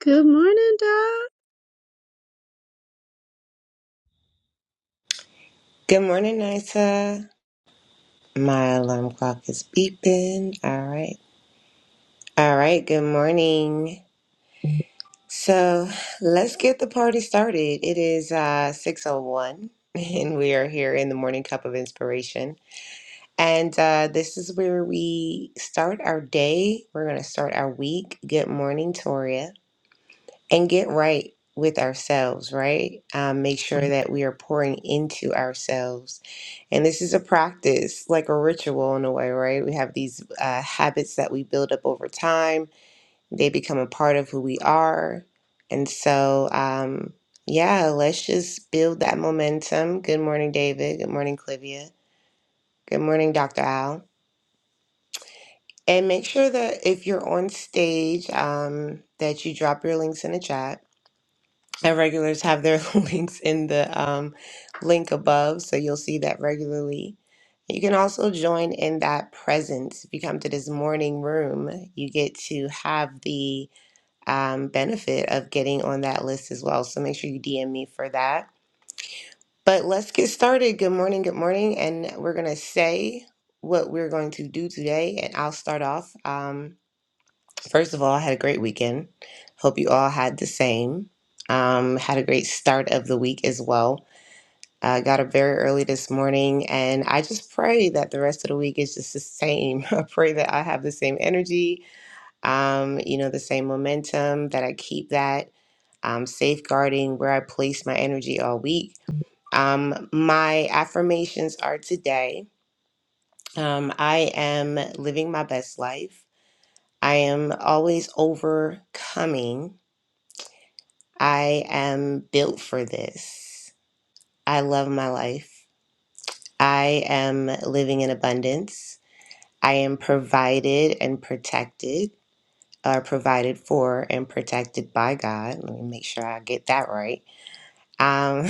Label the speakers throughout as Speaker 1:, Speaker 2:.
Speaker 1: Good morning, Doc.
Speaker 2: Good morning, Nisa. My alarm clock is beeping. All right. All right. Good morning. So let's get the party started. It is uh, 6.01 and we are here in the Morning Cup of Inspiration. And uh, this is where we start our day. We're going to start our week. Good morning, Toria. and get right with ourselves, right? Um, make sure Mhm. that we are pouring into ourselves. And this is a practice, like a ritual in a way, right? We have these uh, habits that we build up over time, they become a part of who we are. And so, um, yeah, let's just build that momentum. Good morning, David. Good morning, Clivia. Good morning, Dr. Al. And make sure that if you're on stage, um, that you drop your links in the chat And regulars have their links in the um, link above, so you'll see that regularly. You can also join in that presence. If you come to this morning room, you get to have the um, benefit of getting on that list as well. So make sure you DM me for that. But let's get started. Good morning, good morning. And we're going to say what we're going to do today. And I'll start off. um, First of all, I had a great weekend. Hope you all had the same. Um, had a great start of the week as well. I got up very early this morning, and I just pray that the rest of the week is just the same. I pray that I have the same energy, um, you know, the same momentum, that I keep that, um, safeguarding where I place my energy all week. Um, my affirmations are today um, I am living my best life, I am always overcoming. I am built for this. I love my life. I am living in abundance. I am provided and protected, or provided for and protected by God. Let me make sure I get that right. Um,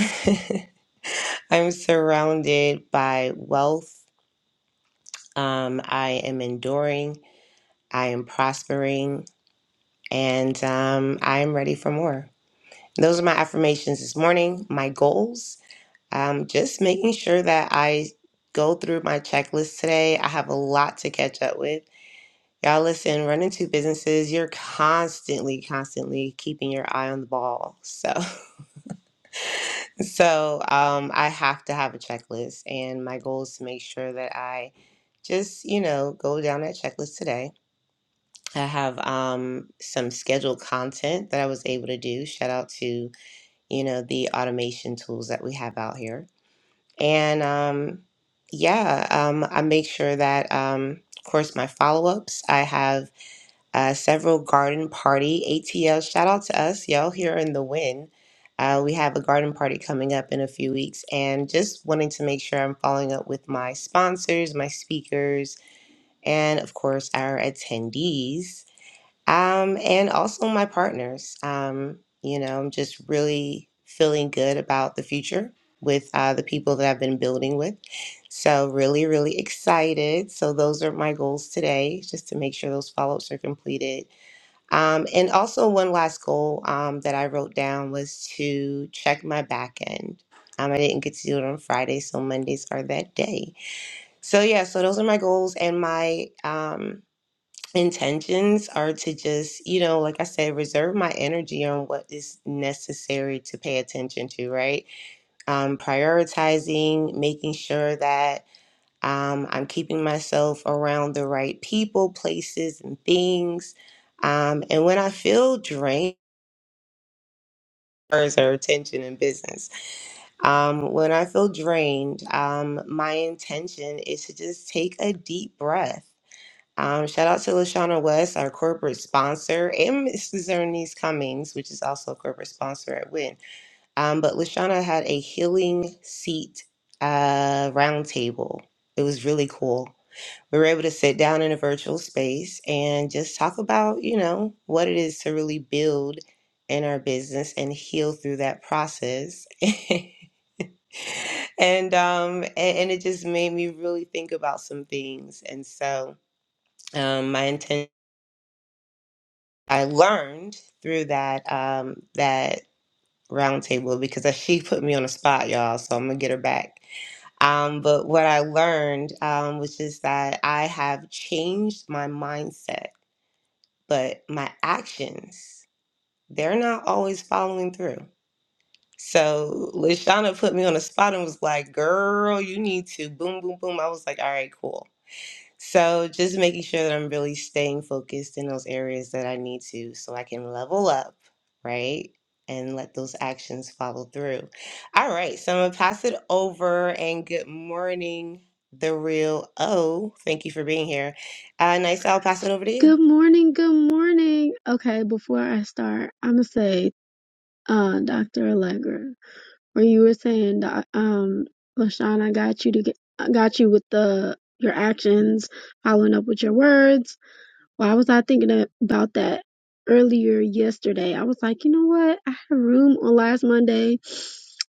Speaker 2: I'm surrounded by wealth. Um, I am enduring. I am prospering. And um, I am ready for more. Those are my affirmations this morning, my goals. Um, just making sure that I go through my checklist today. I have a lot to catch up with. Y'all, listen, running two businesses, you're constantly, constantly keeping your eye on the ball. So, so um, I have to have a checklist, and my goal is to make sure that I just, you know, go down that checklist today. I have um, some scheduled content that I was able to do. Shout out to, you know, the automation tools that we have out here. And um, yeah, um, I make sure that, um, of course, my follow ups. I have uh, several garden party ATL. Shout out to us, y'all, here in the win. Uh, we have a garden party coming up in a few weeks, and just wanting to make sure I'm following up with my sponsors, my speakers, and of course, our attendees. Um, and also my partners. Um, you know, I'm just really feeling good about the future with uh, the people that I've been building with. So, really, really excited. So, those are my goals today, just to make sure those follow ups are completed. Um, and also, one last goal um, that I wrote down was to check my back end. Um, I didn't get to do it on Friday, so Mondays are that day. So, yeah, so those are my goals and my. Um, intentions are to just, you know, like I said, reserve my energy on what is necessary to pay attention to, right? Um, prioritizing, making sure that um, I'm keeping myself around the right people, places, and things. Um, and when I feel drained, or attention in business. Um, when I feel drained, um, my intention is to just take a deep breath Um, shout out to Lashana West, our corporate sponsor, and Mrs. Ernest Cummings, which is also a corporate sponsor at Win. Um, but Lashana had a healing seat uh, roundtable. It was really cool. We were able to sit down in a virtual space and just talk about, you know, what it is to really build in our business and heal through that process. and um, and, and it just made me really think about some things. And so um, my intention. I learned through that um, that roundtable because she put me on the spot, y'all. So I'm gonna get her back. Um, but what I learned um, was just that I have changed my mindset, but my actions they're not always following through. So Lashana put me on the spot and was like, "Girl, you need to boom, boom, boom." I was like, "All right, cool." So just making sure that I'm really staying focused in those areas that I need to so I can level up, right? And let those actions follow through. All right, so I'm gonna pass it over and good morning, the real O. Thank you for being here. Uh nice, I'll pass it over to you.
Speaker 1: Good morning, good morning. Okay, before I start, I'ma say, uh, Dr. Allegra, where you were saying, Doc- um, LaShawn, I got you to get, I got you with the your actions, following up with your words. Why was I thinking a- about that earlier yesterday. I was like, you know what? I had a room on last Monday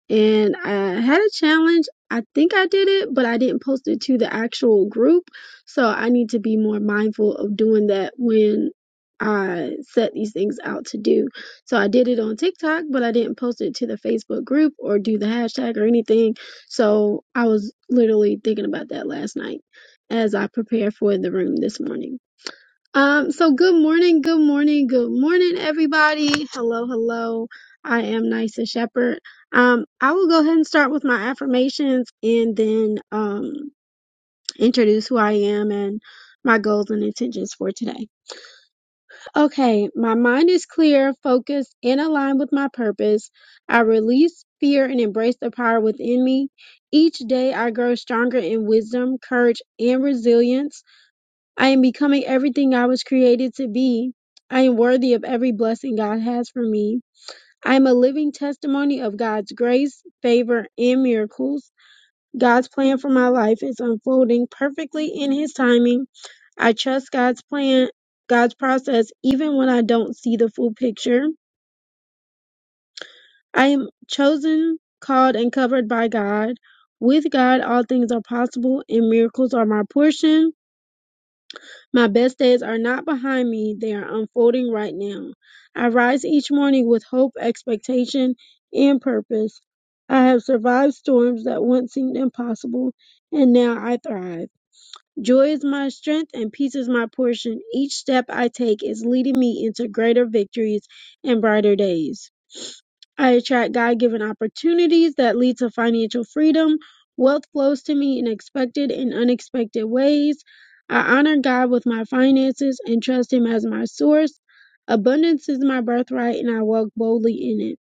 Speaker 1: and I had a challenge. I think I did it, but I didn't post it to the actual group. So I need to be more mindful of doing that when I set these things out to do. So I did it on TikTok, but I didn't post it to the Facebook group or do the hashtag or anything. So I was literally thinking about that last night as I prepare for the room this morning. Um, so good morning, good morning, good morning, everybody. Hello, hello. I am Nisa Shepherd. Um, I will go ahead and start with my affirmations and then um introduce who I am and my goals and intentions for today. Okay, my mind is clear, focused, and aligned with my purpose. I release fear and embrace the power within me. Each day I grow stronger in wisdom, courage, and resilience. I am becoming everything I was created to be. I am worthy of every blessing God has for me. I am a living testimony of God's grace, favor, and miracles. God's plan for my life is unfolding perfectly in His timing. I trust God's plan, God's process, even when I don't see the full picture. I am chosen, called, and covered by God. With God, all things are possible, and miracles are my portion. My best days are not behind me, they are unfolding right now. I rise each morning with hope, expectation, and purpose. I have survived storms that once seemed impossible, and now I thrive. Joy is my strength, and peace is my portion. Each step I take is leading me into greater victories and brighter days. I attract God given opportunities that lead to financial freedom. Wealth flows to me in expected and unexpected ways. I honor God with my finances and trust Him as my source. Abundance is my birthright, and I walk boldly in it.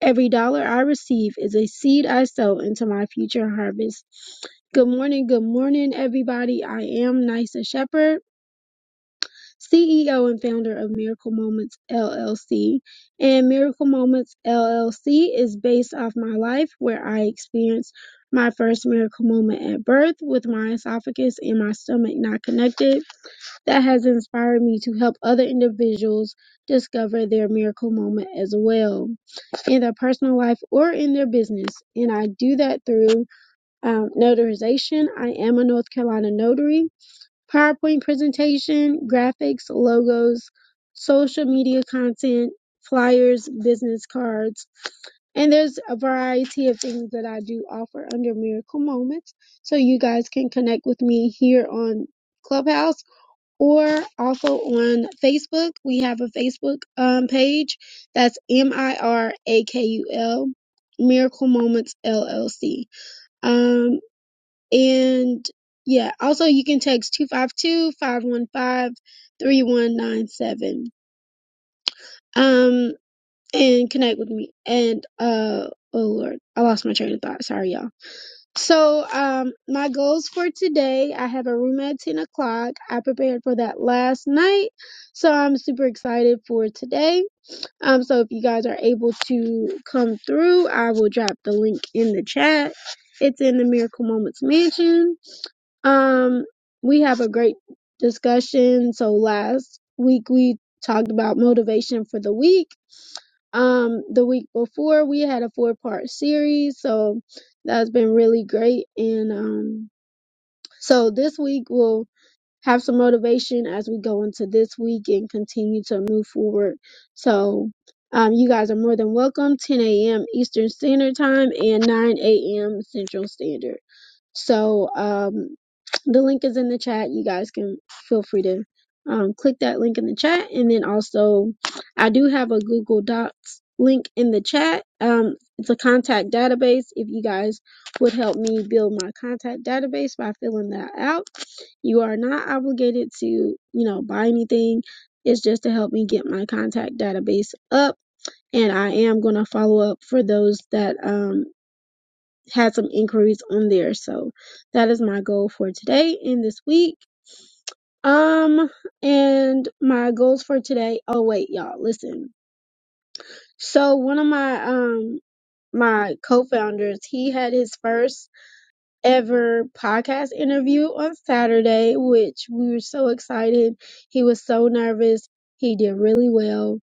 Speaker 1: Every dollar I receive is a seed I sow into my future harvest. Good morning, good morning, everybody. I am Nisa Shepherd. CEO and founder of Miracle Moments LLC. And Miracle Moments LLC is based off my life where I experienced my first miracle moment at birth with my esophagus and my stomach not connected. That has inspired me to help other individuals discover their miracle moment as well in their personal life or in their business. And I do that through um, notarization. I am a North Carolina notary PowerPoint presentation, graphics, logos, social media content, flyers, business cards, and there's a variety of things that I do offer under Miracle Moments. So you guys can connect with me here on Clubhouse or also on Facebook. We have a Facebook um, page that's M I R A K U L Miracle Moments LLC. Um, and yeah, also you can text two five two five one five three one nine seven Um and connect with me. And uh oh Lord, I lost my train of thought. Sorry y'all. So um my goals for today, I have a room at 10 o'clock. I prepared for that last night. So I'm super excited for today. Um so if you guys are able to come through, I will drop the link in the chat. It's in the Miracle Moments Mansion um, we have a great discussion. So last week we talked about motivation for the week. Um, the week before we had a four part series, so that's been really great. And um, so this week we'll have some motivation as we go into this week and continue to move forward. So um, you guys are more than welcome. 10 a.m. Eastern Standard Time and 9 a.m. Central Standard. So um, the link is in the chat. You guys can feel free to um, click that link in the chat. And then also, I do have a Google Docs link in the chat. Um, it's a contact database. If you guys would help me build my contact database by filling that out, you are not obligated to, you know, buy anything. It's just to help me get my contact database up. And I am going to follow up for those that um, had some inquiries on there. So that is my goal for today and this week. Um, and my goals for today. Oh wait, y'all, listen. So one of my um my co-founders, he had his first ever podcast interview on Saturday, which we were so excited. He was so nervous. He did really well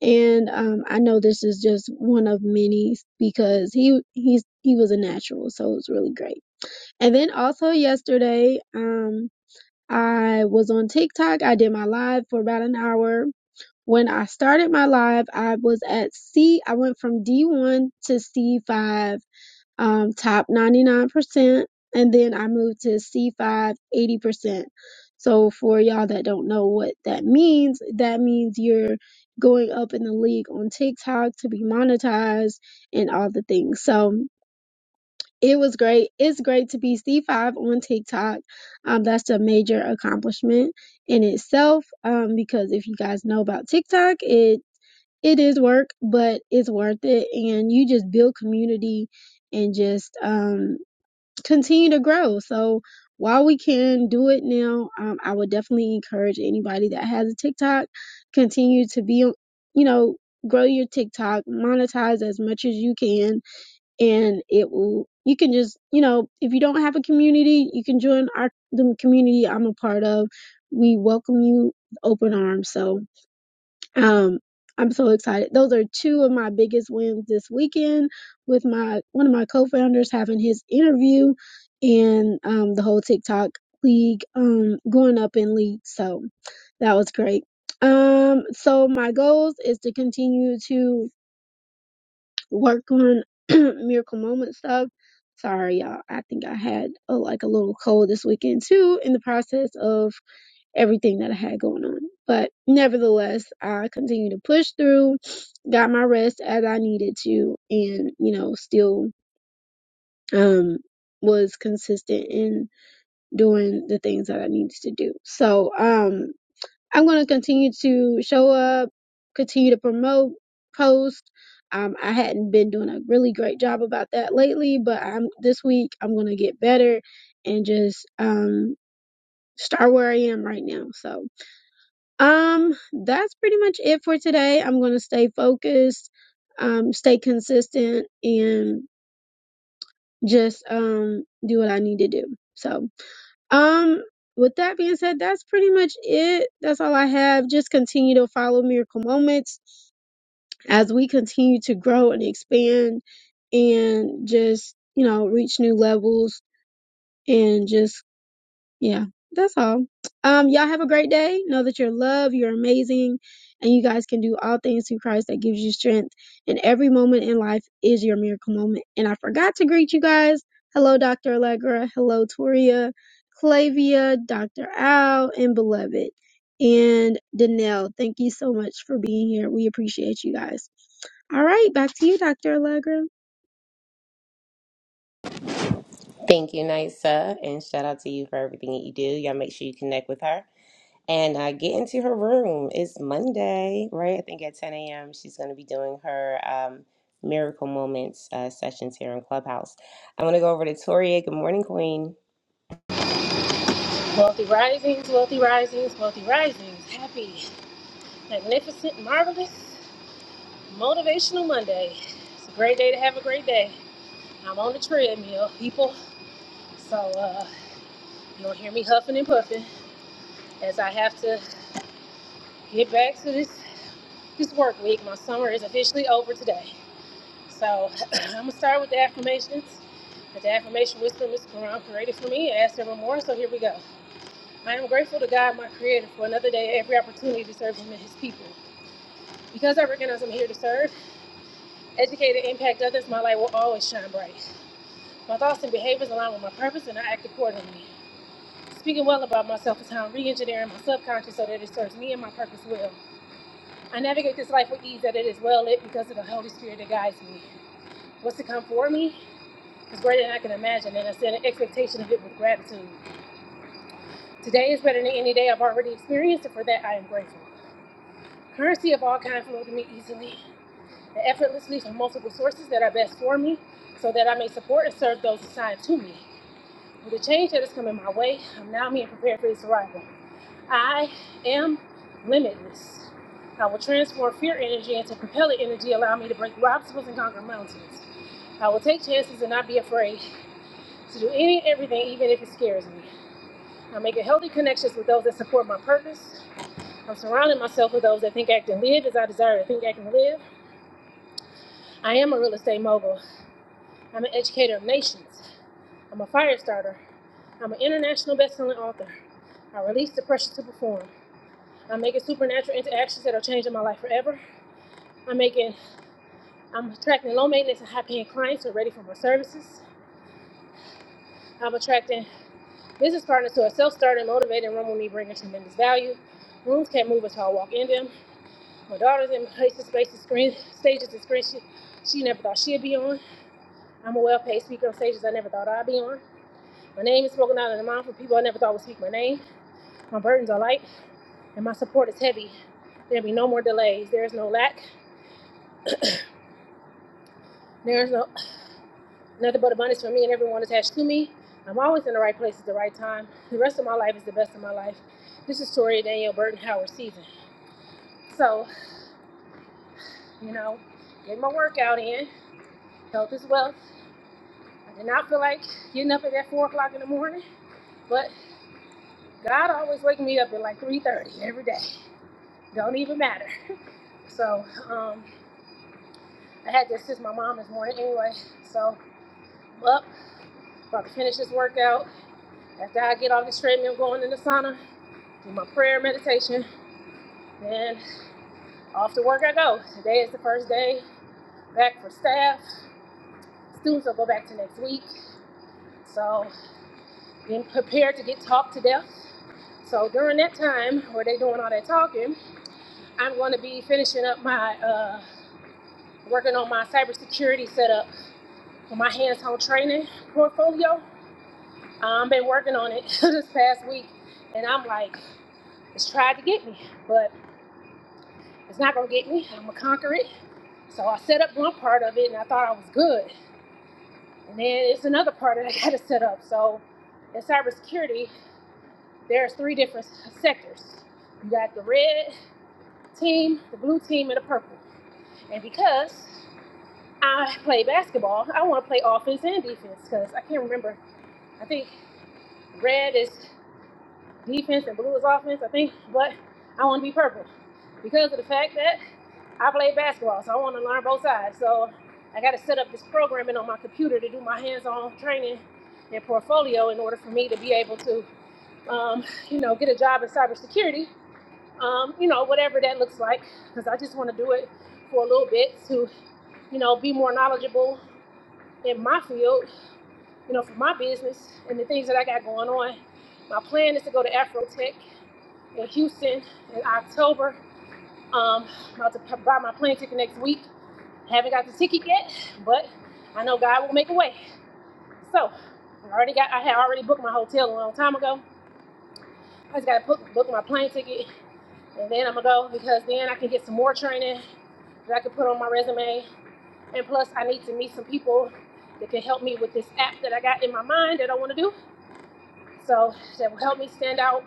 Speaker 1: and um, I know this is just one of many because he he's he was a natural, so it was really great. And then also yesterday, um, I was on TikTok. I did my live for about an hour. When I started my live, I was at C. I went from D1 to C5, um, top 99%, and then I moved to C5, 80%. So for y'all that don't know what that means, that means you're going up in the league on TikTok to be monetized and all the things. So it was great. It's great to be C5 on TikTok. Um, that's a major accomplishment in itself. Um, because if you guys know about TikTok, it it is work, but it's worth it. And you just build community and just um continue to grow. So while we can do it now, um, I would definitely encourage anybody that has a TikTok continue to be, you know, grow your TikTok, monetize as much as you can and it will you can just you know if you don't have a community you can join our the community i'm a part of we welcome you with open arms so um i'm so excited those are two of my biggest wins this weekend with my one of my co-founders having his interview and um the whole tiktok league um going up in league so that was great um so my goals is to continue to work on miracle moment stuff. Sorry, y'all. I think I had a, like a little cold this weekend too in the process of everything that I had going on. But nevertheless, I continue to push through, got my rest as I needed to, and you know, still um was consistent in doing the things that I needed to do. So um I'm going to continue to show up, continue to promote, post. Um, I hadn't been doing a really great job about that lately, but I'm this week I'm going to get better and just um start where I am right now. So, um that's pretty much it for today. I'm going to stay focused, um stay consistent and just um do what I need to do. So, um, with that being said, that's pretty much it. That's all I have. Just continue to follow Miracle Moments as we continue to grow and expand and just, you know, reach new levels and just yeah, that's all. Um, y'all have a great day. Know that you're loved, you're amazing, and you guys can do all things through Christ that gives you strength. And every moment in life is your miracle moment. And I forgot to greet you guys. Hello, Dr. Allegra. Hello, Toria, Clavia, Dr. Al, and Beloved, and Danelle. Thank you so much for being here. We appreciate you guys. All right, back to you, Dr. Allegra.
Speaker 2: Thank you, Nysa, and shout out to you for everything that you do. Y'all make sure you connect with her. And I get into her room. It's Monday, right? I think at 10 a.m. she's going to be doing her um, Miracle Moments uh, sessions here in Clubhouse. I'm going to go over to Toria. Good morning, Queen.
Speaker 3: Wealthy risings, wealthy risings, wealthy risings. Happy, magnificent, marvelous, motivational Monday. It's a great day to have a great day. I'm on the treadmill, people. So uh, you'll hear me huffing and puffing as I have to get back to this this work week. My summer is officially over today. So I'm gonna start with the affirmations. The affirmation wisdom is Quran created for me. Ask never more. So here we go. I am grateful to God, my Creator, for another day, every opportunity to serve Him and His people. Because I recognize I'm here to serve, educate, and impact others, my light will always shine bright. My thoughts and behaviors align with my purpose, and I act accordingly. Speaking well about myself is how I'm re-engineering my subconscious so that it serves me and my purpose well. I navigate this life with ease that it is well lit because of the Holy Spirit that guides me. What's to come for me is greater than I can imagine, and I set an expectation of it with gratitude. Today is better than any day I've already experienced, and for that I am grateful. Currency of all kinds flow to me easily. effortlessly from multiple sources that are best for me so that I may support and serve those assigned to me. With the change that is coming my way, I'm now being prepared for its arrival. I am limitless. I will transform fear energy into propellant energy, allowing me to break through obstacles and conquer mountains. I will take chances and not be afraid to do any and everything, even if it scares me. I'm making healthy connections with those that support my purpose. I'm surrounding myself with those that think, act, and live as I desire to think, act, and live. I am a real estate mogul. I'm an educator of nations. I'm a fire starter. I'm an international best-selling author. I release the pressure to perform. I'm making supernatural interactions that are changing my life forever. I'm making, I'm attracting low maintenance and high paying clients who are ready for my services. I'm attracting business partners who are self starting, motivated, and run with me, bringing tremendous value. Rooms can't move until I walk in them. My daughter's in places, spaces, screen, stages, and screens she, she never thought she'd be on. I'm a well paid speaker on stages I never thought I'd be on. My name is spoken out of the mouth of people I never thought would speak my name. My burdens are light and my support is heavy. There'll be no more delays. There is no lack. There is no nothing but abundance for me and everyone attached to me. I'm always in the right place at the right time. The rest of my life is the best of my life. This is Tori Danielle Burton Howard season. So, you know, get my workout in. Health is wealth. I did not feel like getting up at that four o'clock in the morning, but God always wakes me up at like three thirty every day. Don't even matter. So, um, I had to assist my mom this morning anyway, so I'm up, about to finish this workout. After I get off this treadmill, I'm going in the sauna, do my prayer meditation, then off to work I go. Today is the first day back for staff. Students will go back to next week, so being prepared to get talked to death. So during that time where they doing all that talking, I'm going to be finishing up my uh, working on my cybersecurity setup for my hands-on training portfolio I've been working on it this past week, and I'm like, it's tried to get me, but it's not gonna get me. I'm gonna conquer it. So I set up one part of it, and I thought I was good, and then it's another part that I gotta set up. So in cybersecurity, there's three different sectors. You got the red team, the blue team, and the purple. And because I play basketball, I want to play offense and defense because I can't remember. I think red is defense and blue is offense, I think, but I want to be purple because of the fact that I play basketball, so I want to learn both sides. So I got to set up this programming on my computer to do my hands-on training and portfolio in order for me to be able to, um, you know, get a job in cybersecurity, um, you know, whatever that looks like, because I just want to do it for a little bit to, you know, be more knowledgeable in my field, you know, for my business and the things that I got going on. My plan is to go to Afrotech in Houston in October. Um, I'm about to buy my plane ticket next week. Haven't got the ticket yet, but I know God will make a way. So I already got. I had already booked my hotel a long time ago. I just got to book, book my plane ticket, and then I'm gonna go because then I can get some more training that I can put on my resume. And plus, I need to meet some people that can help me with this app that I got in my mind that I want to do. So that will help me stand out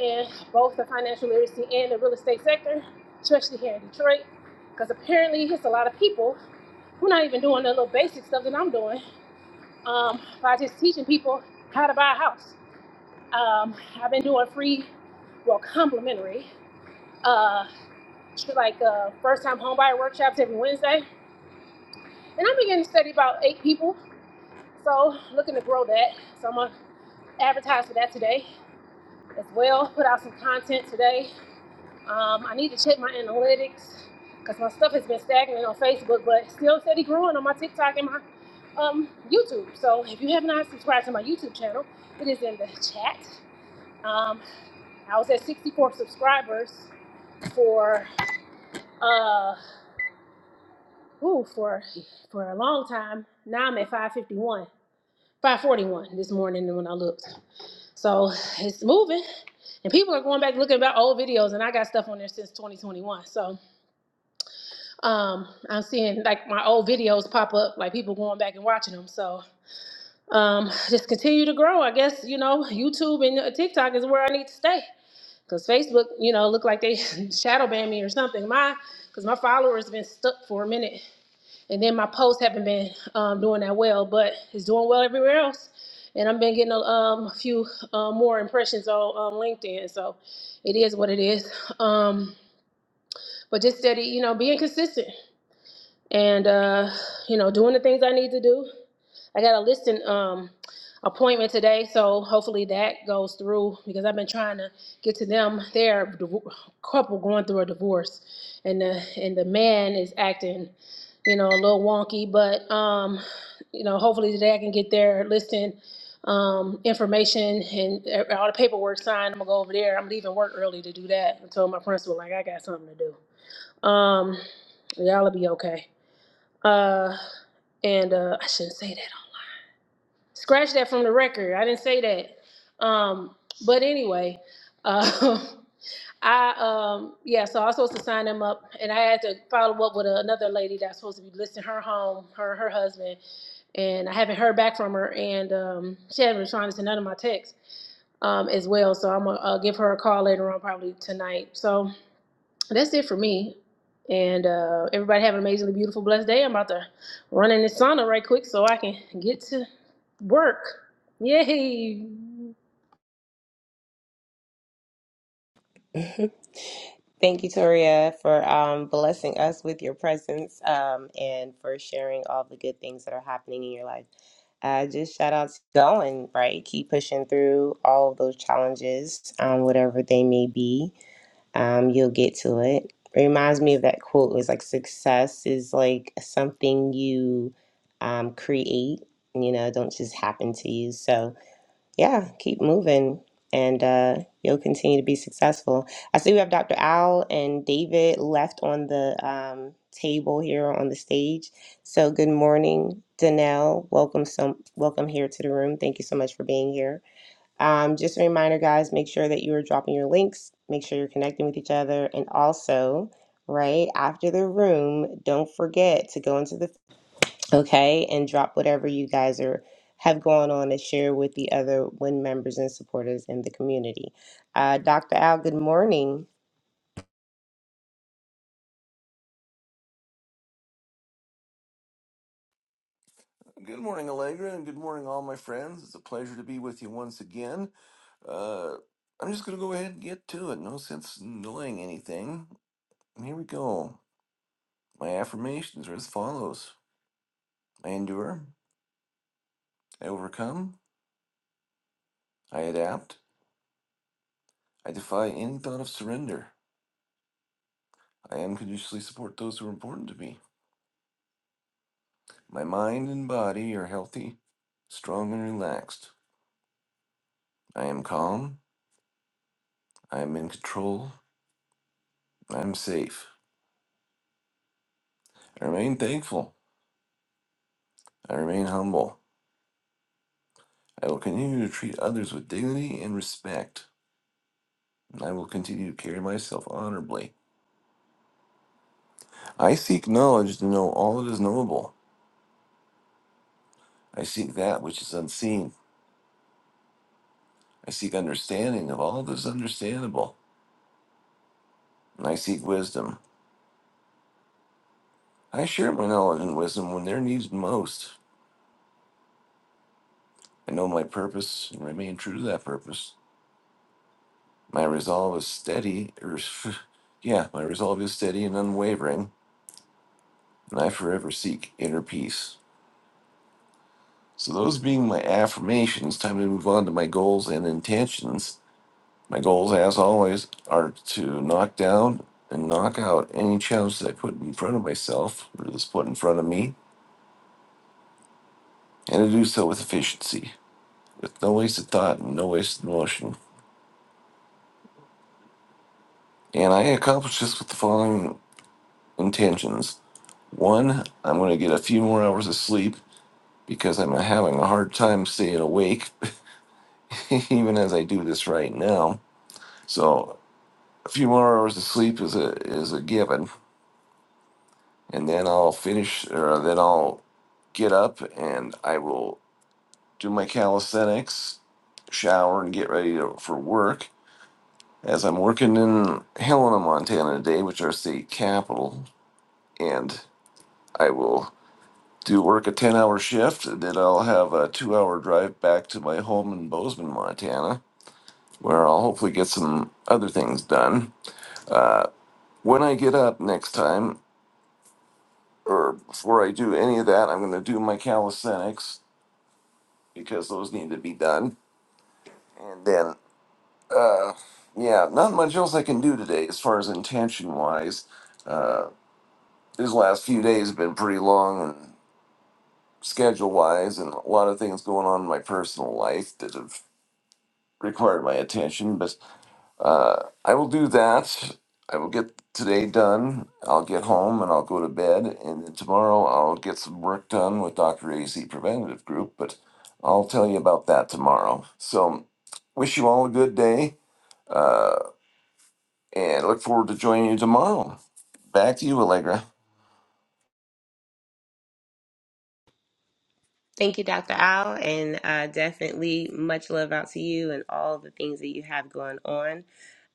Speaker 3: in both the financial literacy and the real estate sector, especially here in Detroit, because apparently it's a lot of people who are not even doing the little basic stuff that I'm doing um, by just teaching people how to buy a house. Um, I've been doing free, well, complimentary, uh, like uh, first time homebuyer workshops every Wednesday. And I'm beginning to study about eight people, so looking to grow that. So I'm going to advertise for that today as well, put out some content today Um, I need to check my analytics because my stuff has been stagnant on Facebook, but still steady growing on my TikTok and my um, YouTube. So if you have not subscribed to my YouTube channel, it is in the chat. Um, I was at 64 subscribers for uh ooh, for for a long time. Now I'm at 551, 541 this morning when I looked. So it's moving, and people are going back looking about old videos, and I got stuff on there since 2021. So. Um, I'm seeing like my old videos pop up, like people going back and watching them. So um, just continue to grow. I guess you know YouTube and uh, TikTok is where I need to stay because Facebook, you know, look like they shadow ban me or something. My because my followers been stuck for a minute, and then my posts haven't been um, doing that well, but it's doing well everywhere else. And I've been getting a, um, a few uh, more impressions on um, LinkedIn, so it is what it is. Um, but just steady, you know, being consistent and uh, you know, doing the things I need to do. I got a listing um, appointment today, so hopefully that goes through because I've been trying to get to them. They're a div- couple going through a divorce, and the and the man is acting, you know, a little wonky. But um, you know, hopefully today I can get their listing um, information and e- all the paperwork signed. I'm gonna go over there. I'm leaving work early to do that. I told my principal like I got something to do. Um, y'all'll be okay. Uh, and uh, I shouldn't say that. Scratch that from the record. I didn't say that. Um, but anyway, uh, I um, yeah. So I was supposed to sign them up, and I had to follow up with another lady that's supposed to be listing her home, her her husband, and I haven't heard back from her, and um, she hasn't responded to none of my texts um, as well. So I'm gonna uh, give her a call later on, probably tonight. So so that's it for me. And uh, everybody have an amazingly beautiful, blessed day. I'm about to run in the sauna right quick so I can get to work. Yay!
Speaker 2: Thank you, Toria, for um, blessing us with your presence um, and for sharing all the good things that are happening in your life. Uh, just shout out to going, right? Keep pushing through all of those challenges, um, whatever they may be um, you'll get to it. It reminds me of that quote. It was like success is like something you um, create, you know, don't just happen to you. So yeah, keep moving and uh, you'll continue to be successful. I see we have Dr. Al and David left on the um, table here on the stage. So good morning, Danelle. Welcome so welcome here to the room. Thank you so much for being here. Um, just a reminder, guys, make sure that you are dropping your links, make sure you're connecting with each other, and also, right after the room, don't forget to go into the okay and drop whatever you guys are have going on and share with the other WIN members and supporters in the community. Uh, Dr. Al, good morning.
Speaker 4: Good morning, Allegra, and good morning, all my friends. It's a pleasure to be with you once again. Uh, I'm just going to go ahead and get to it. No sense in delaying anything. Here we go. My affirmations are as follows I endure, I overcome, I adapt, I defy any thought of surrender. I unconditionally support those who are important to me. My mind and body are healthy, strong, and relaxed. I am calm, I am in control, I am safe. I remain thankful, I remain humble. I will continue to treat others with dignity and respect, and I will continue to carry myself honorably. I seek knowledge to know all that is knowable. I seek that which is unseen. I seek understanding of all that is understandable, and I seek wisdom. I share my knowledge and wisdom when they're needed most. I know my purpose and remain true to that purpose. My resolve is steady, or yeah, my resolve is steady and unwavering, and I forever seek inner peace. So, those being my affirmations, time to move on to my goals and intentions. My goals, as always, are to knock down and knock out any challenge that I put in front of myself or that's put in front of me, and to do so with efficiency, with no wasted thought and no wasted motion. And I accomplish this with the following intentions. One, I'm going to get a few more hours of sleep because I'm having a hard time staying awake, even as I do this right now. So A few more hours of sleep is a is a given, and then I'll finish, or then I'll get up and I will do my calisthenics, shower, and get ready to, for work. As I'm working in Helena, Montana today, which is our state capital, and I will do work a ten hour shift, and then I'll have a two hour drive back to my home in Bozeman, Montana, where I'll hopefully get some other things done. Uh, when I get up next time. or before I do any of that, I'm going to do my calisthenics because those need to be done. And then, uh, yeah, not much else I can do today as far as intention wise. Uh, these last few days have been pretty long and schedule wise, and a lot of things going on in my personal life that have required my attention. But Uh, I will do that. I will get today done. I'll get home and I'll go to bed. And then tomorrow I'll get some work done with Dr. A. Z. Preventative Group, but I'll tell you about that tomorrow. So, wish you all a good day uh, and look forward to joining you tomorrow. Back to you, Allegra.
Speaker 2: Thank you, Dr. Al, and uh, definitely much love out to you and all the things that you have going on.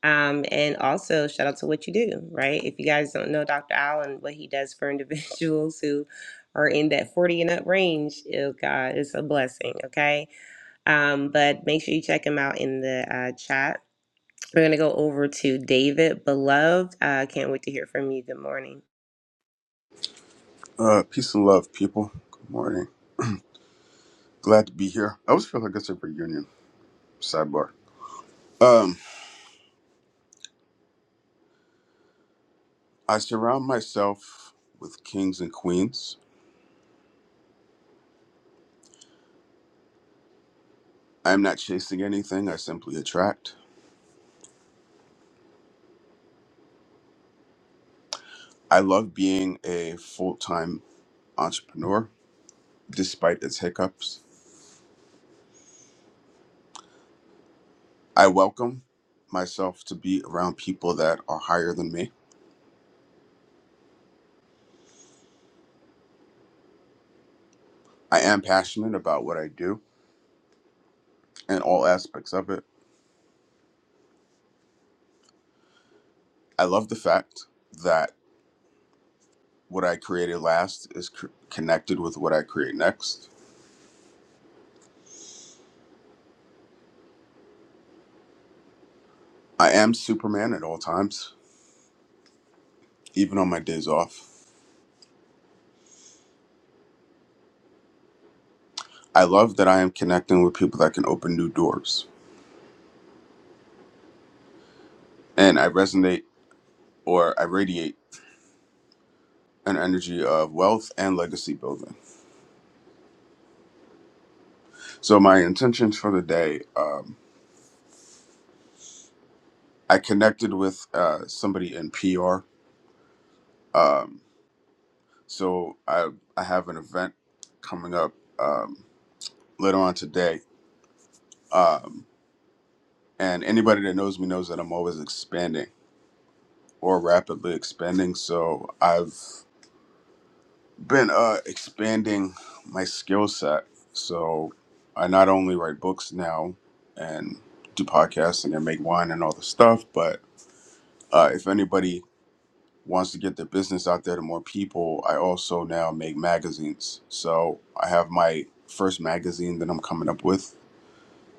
Speaker 2: Um, and also, shout out to what you do, right? If you guys don't know Dr. Al and what he does for individuals who are in that 40 and up range, oh God, it's a blessing, okay? Um, but make sure you check him out in the uh, chat. We're going to go over to David Beloved. Uh, can't wait to hear from you. Good morning.
Speaker 5: Uh, peace and love, people. Good morning. Glad to be here. I always feel like it's a reunion. Sidebar. Um, I surround myself with kings and queens. I am not chasing anything. I simply attract. I love being a full-time entrepreneur, despite its hiccups. I welcome myself to be around people that are higher than me. I am passionate about what I do and all aspects of it. I love the fact that What I created last is cr- connected with what I create next. I am Superman at all times, even on my days off. I love that I am connecting with people that can open new doors. And I resonate or I radiate an energy of wealth and legacy building. So, my intentions for the day um, I connected with uh, somebody in PR. Um, so, I, I have an event coming up um, later on today. Um, and anybody that knows me knows that I'm always expanding. or rapidly expanding. So I've been uh, expanding my skill set. So I not only write books now and do podcasting and make wine and all the stuff, but uh, if anybody wants to get their business out there to more people, I also now make magazines. So I have my first magazine that I'm coming up with.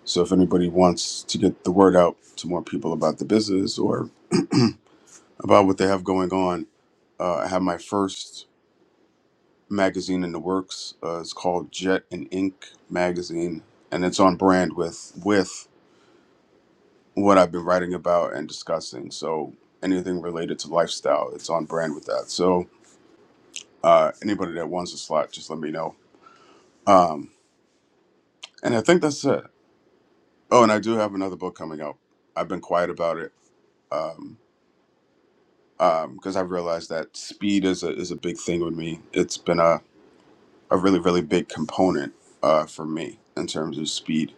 Speaker 5: So if anybody wants to get the word out to more people about the business or about what they have going on, uh, I have my first magazine in the works. Uh, it's called Jet and Ink magazine, and it's on brand with with what I've been writing about and discussing. So anything related to lifestyle, it's on brand with that. So uh, anybody that wants a slot, just let me know. Um, and I think that's it. Oh, and I do have another book coming out. I've been quiet about it because um, um, 'cause I realized that speed is a is a big thing with me. It's been a a really really big component uh, for me in terms of speed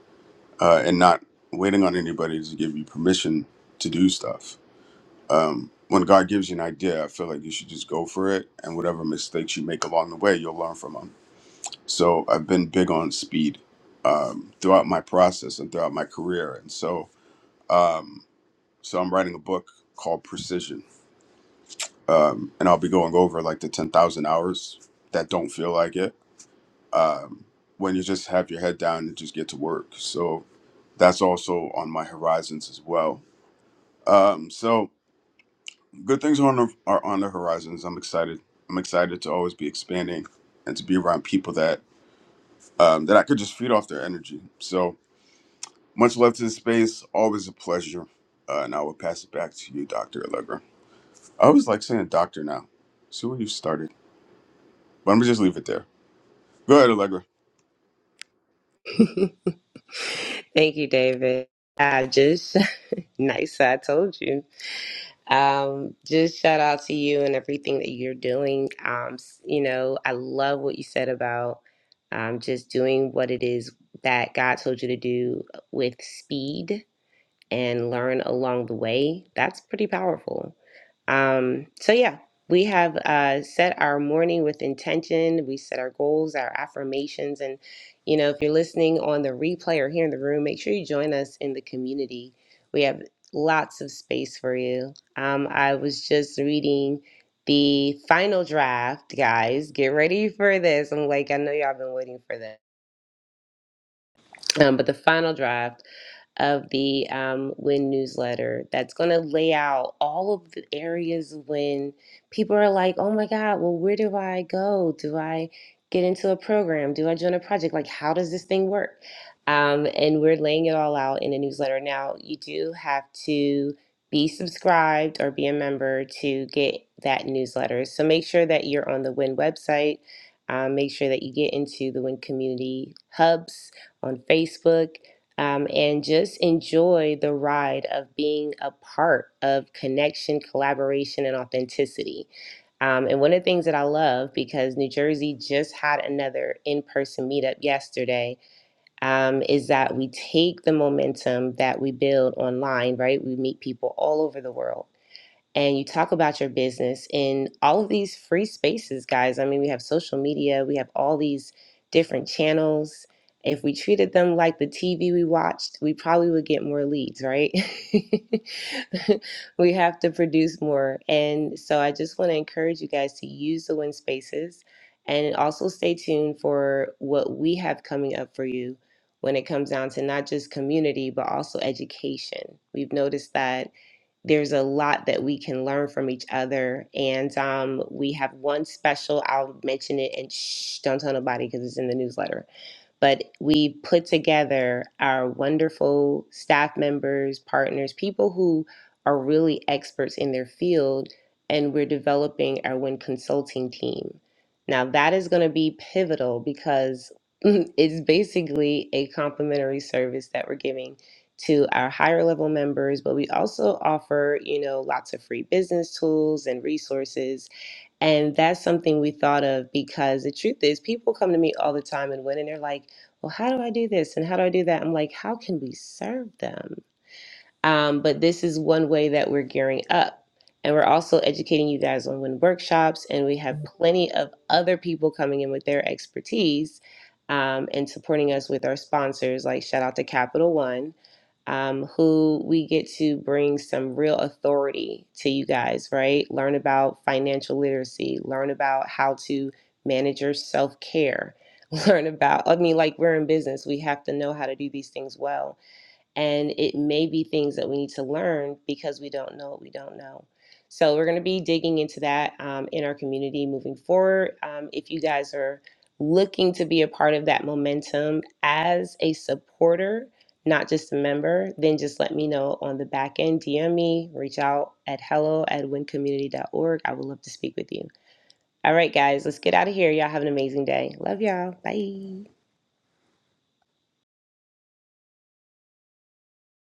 Speaker 5: uh, and not waiting on anybody to give you permission to do stuff. Um, when God gives you an idea, I feel like you should just go for it, and whatever mistakes you make along the way, you'll learn from them. So I've been big on speed um, throughout my process and throughout my career, and so um, so I'm writing a book called Precision, um, and I'll be going over like the ten thousand hours that don't feel like it. Um, when you just have your head down and just get to work. So that's also on my horizons as well Um, so good things are on the, are on the horizons. I'm excited. I'm excited to always be expanding and to be around people that um, that I could just feed off their energy. So much love to the space. Always a pleasure. Uh, and I will pass it back to you, Doctor Allegra. I always like saying doctor now. See where you started, but I'm gonna just leave it there. Go ahead, Allegra.
Speaker 2: Thank you, David. I just, nice, I told you. Um, just shout out to you and everything that you're doing. Um, s- you know, I love what you said about um, just doing what it is that God told you to do with speed and learn along the way, that's pretty powerful. Um, so, yeah, we have uh, set our morning with intention. We set our goals, our affirmations. And, you know, if you're listening on the replay or here in the room, make sure you join us in the community. We have lots of space for you. Um, I was just reading the final draft, guys. Get ready for this. I'm like, I know y'all been waiting for this. Um, but the final draft of the um, WIN newsletter that's going to lay out all of the areas when people are like, oh my God, well, where do I go? Do I get into a program? Do I join a project? Like, how does this thing work? Um, and we're laying it all out in a newsletter. Now, you do have to be subscribed or be a member to get that newsletter. So make sure that you're on the WIN website. Um, make sure that you get into the WIN community hubs on Facebook um, and just enjoy the ride of being a part of connection, collaboration, and authenticity. Um, and one of the things that I love because New Jersey just had another in person meetup yesterday um, is that we take the momentum that we build online, right? We meet people all over the world and you talk about your business in all of these free spaces, guys. I mean, we have social media, we have all these different channels. If we treated them like the TV we watched, we probably would get more leads, right? we have to produce more. And so I just want to encourage you guys to use the win spaces and also stay tuned for what we have coming up for you when it comes down to not just community, but also education. We've noticed that there's a lot that we can learn from each other. And um, we have one special, I'll mention it and shh, don't tell nobody because it's in the newsletter. But we put together our wonderful staff members, partners, people who are really experts in their field, and we're developing our WIN consulting team. Now, that is going to be pivotal because it's basically a complimentary service that we're giving to our higher level members, but we also offer, you know, lots of free business tools and resources. And that's something we thought of because the truth is people come to me all the time and when and they're like, well, how do I do this? And how do I do that? I'm like, how can we serve them? Um, but this is one way that we're gearing up. And we're also educating you guys on when workshops, and we have plenty of other people coming in with their expertise um, and supporting us with our sponsors. Like, shout out to Capital One, um, who we get to bring some real authority to you guys, right? Learn about financial literacy, learn about how to manage your self care, learn about, I mean, like, we're in business, we have to know how to do these things well and it may be things that we need to learn because we don't know what we don't know. So we're going to be digging into that um, in our community moving forward. Um, if you guys are looking to be a part of that momentum as a supporter, not just a member, then just let me know on the back end. DM me, reach out at hello at wincommunity.org. I would love to speak with you. All right, guys, let's get out of here. Y'all have an amazing day. Love y'all. Bye.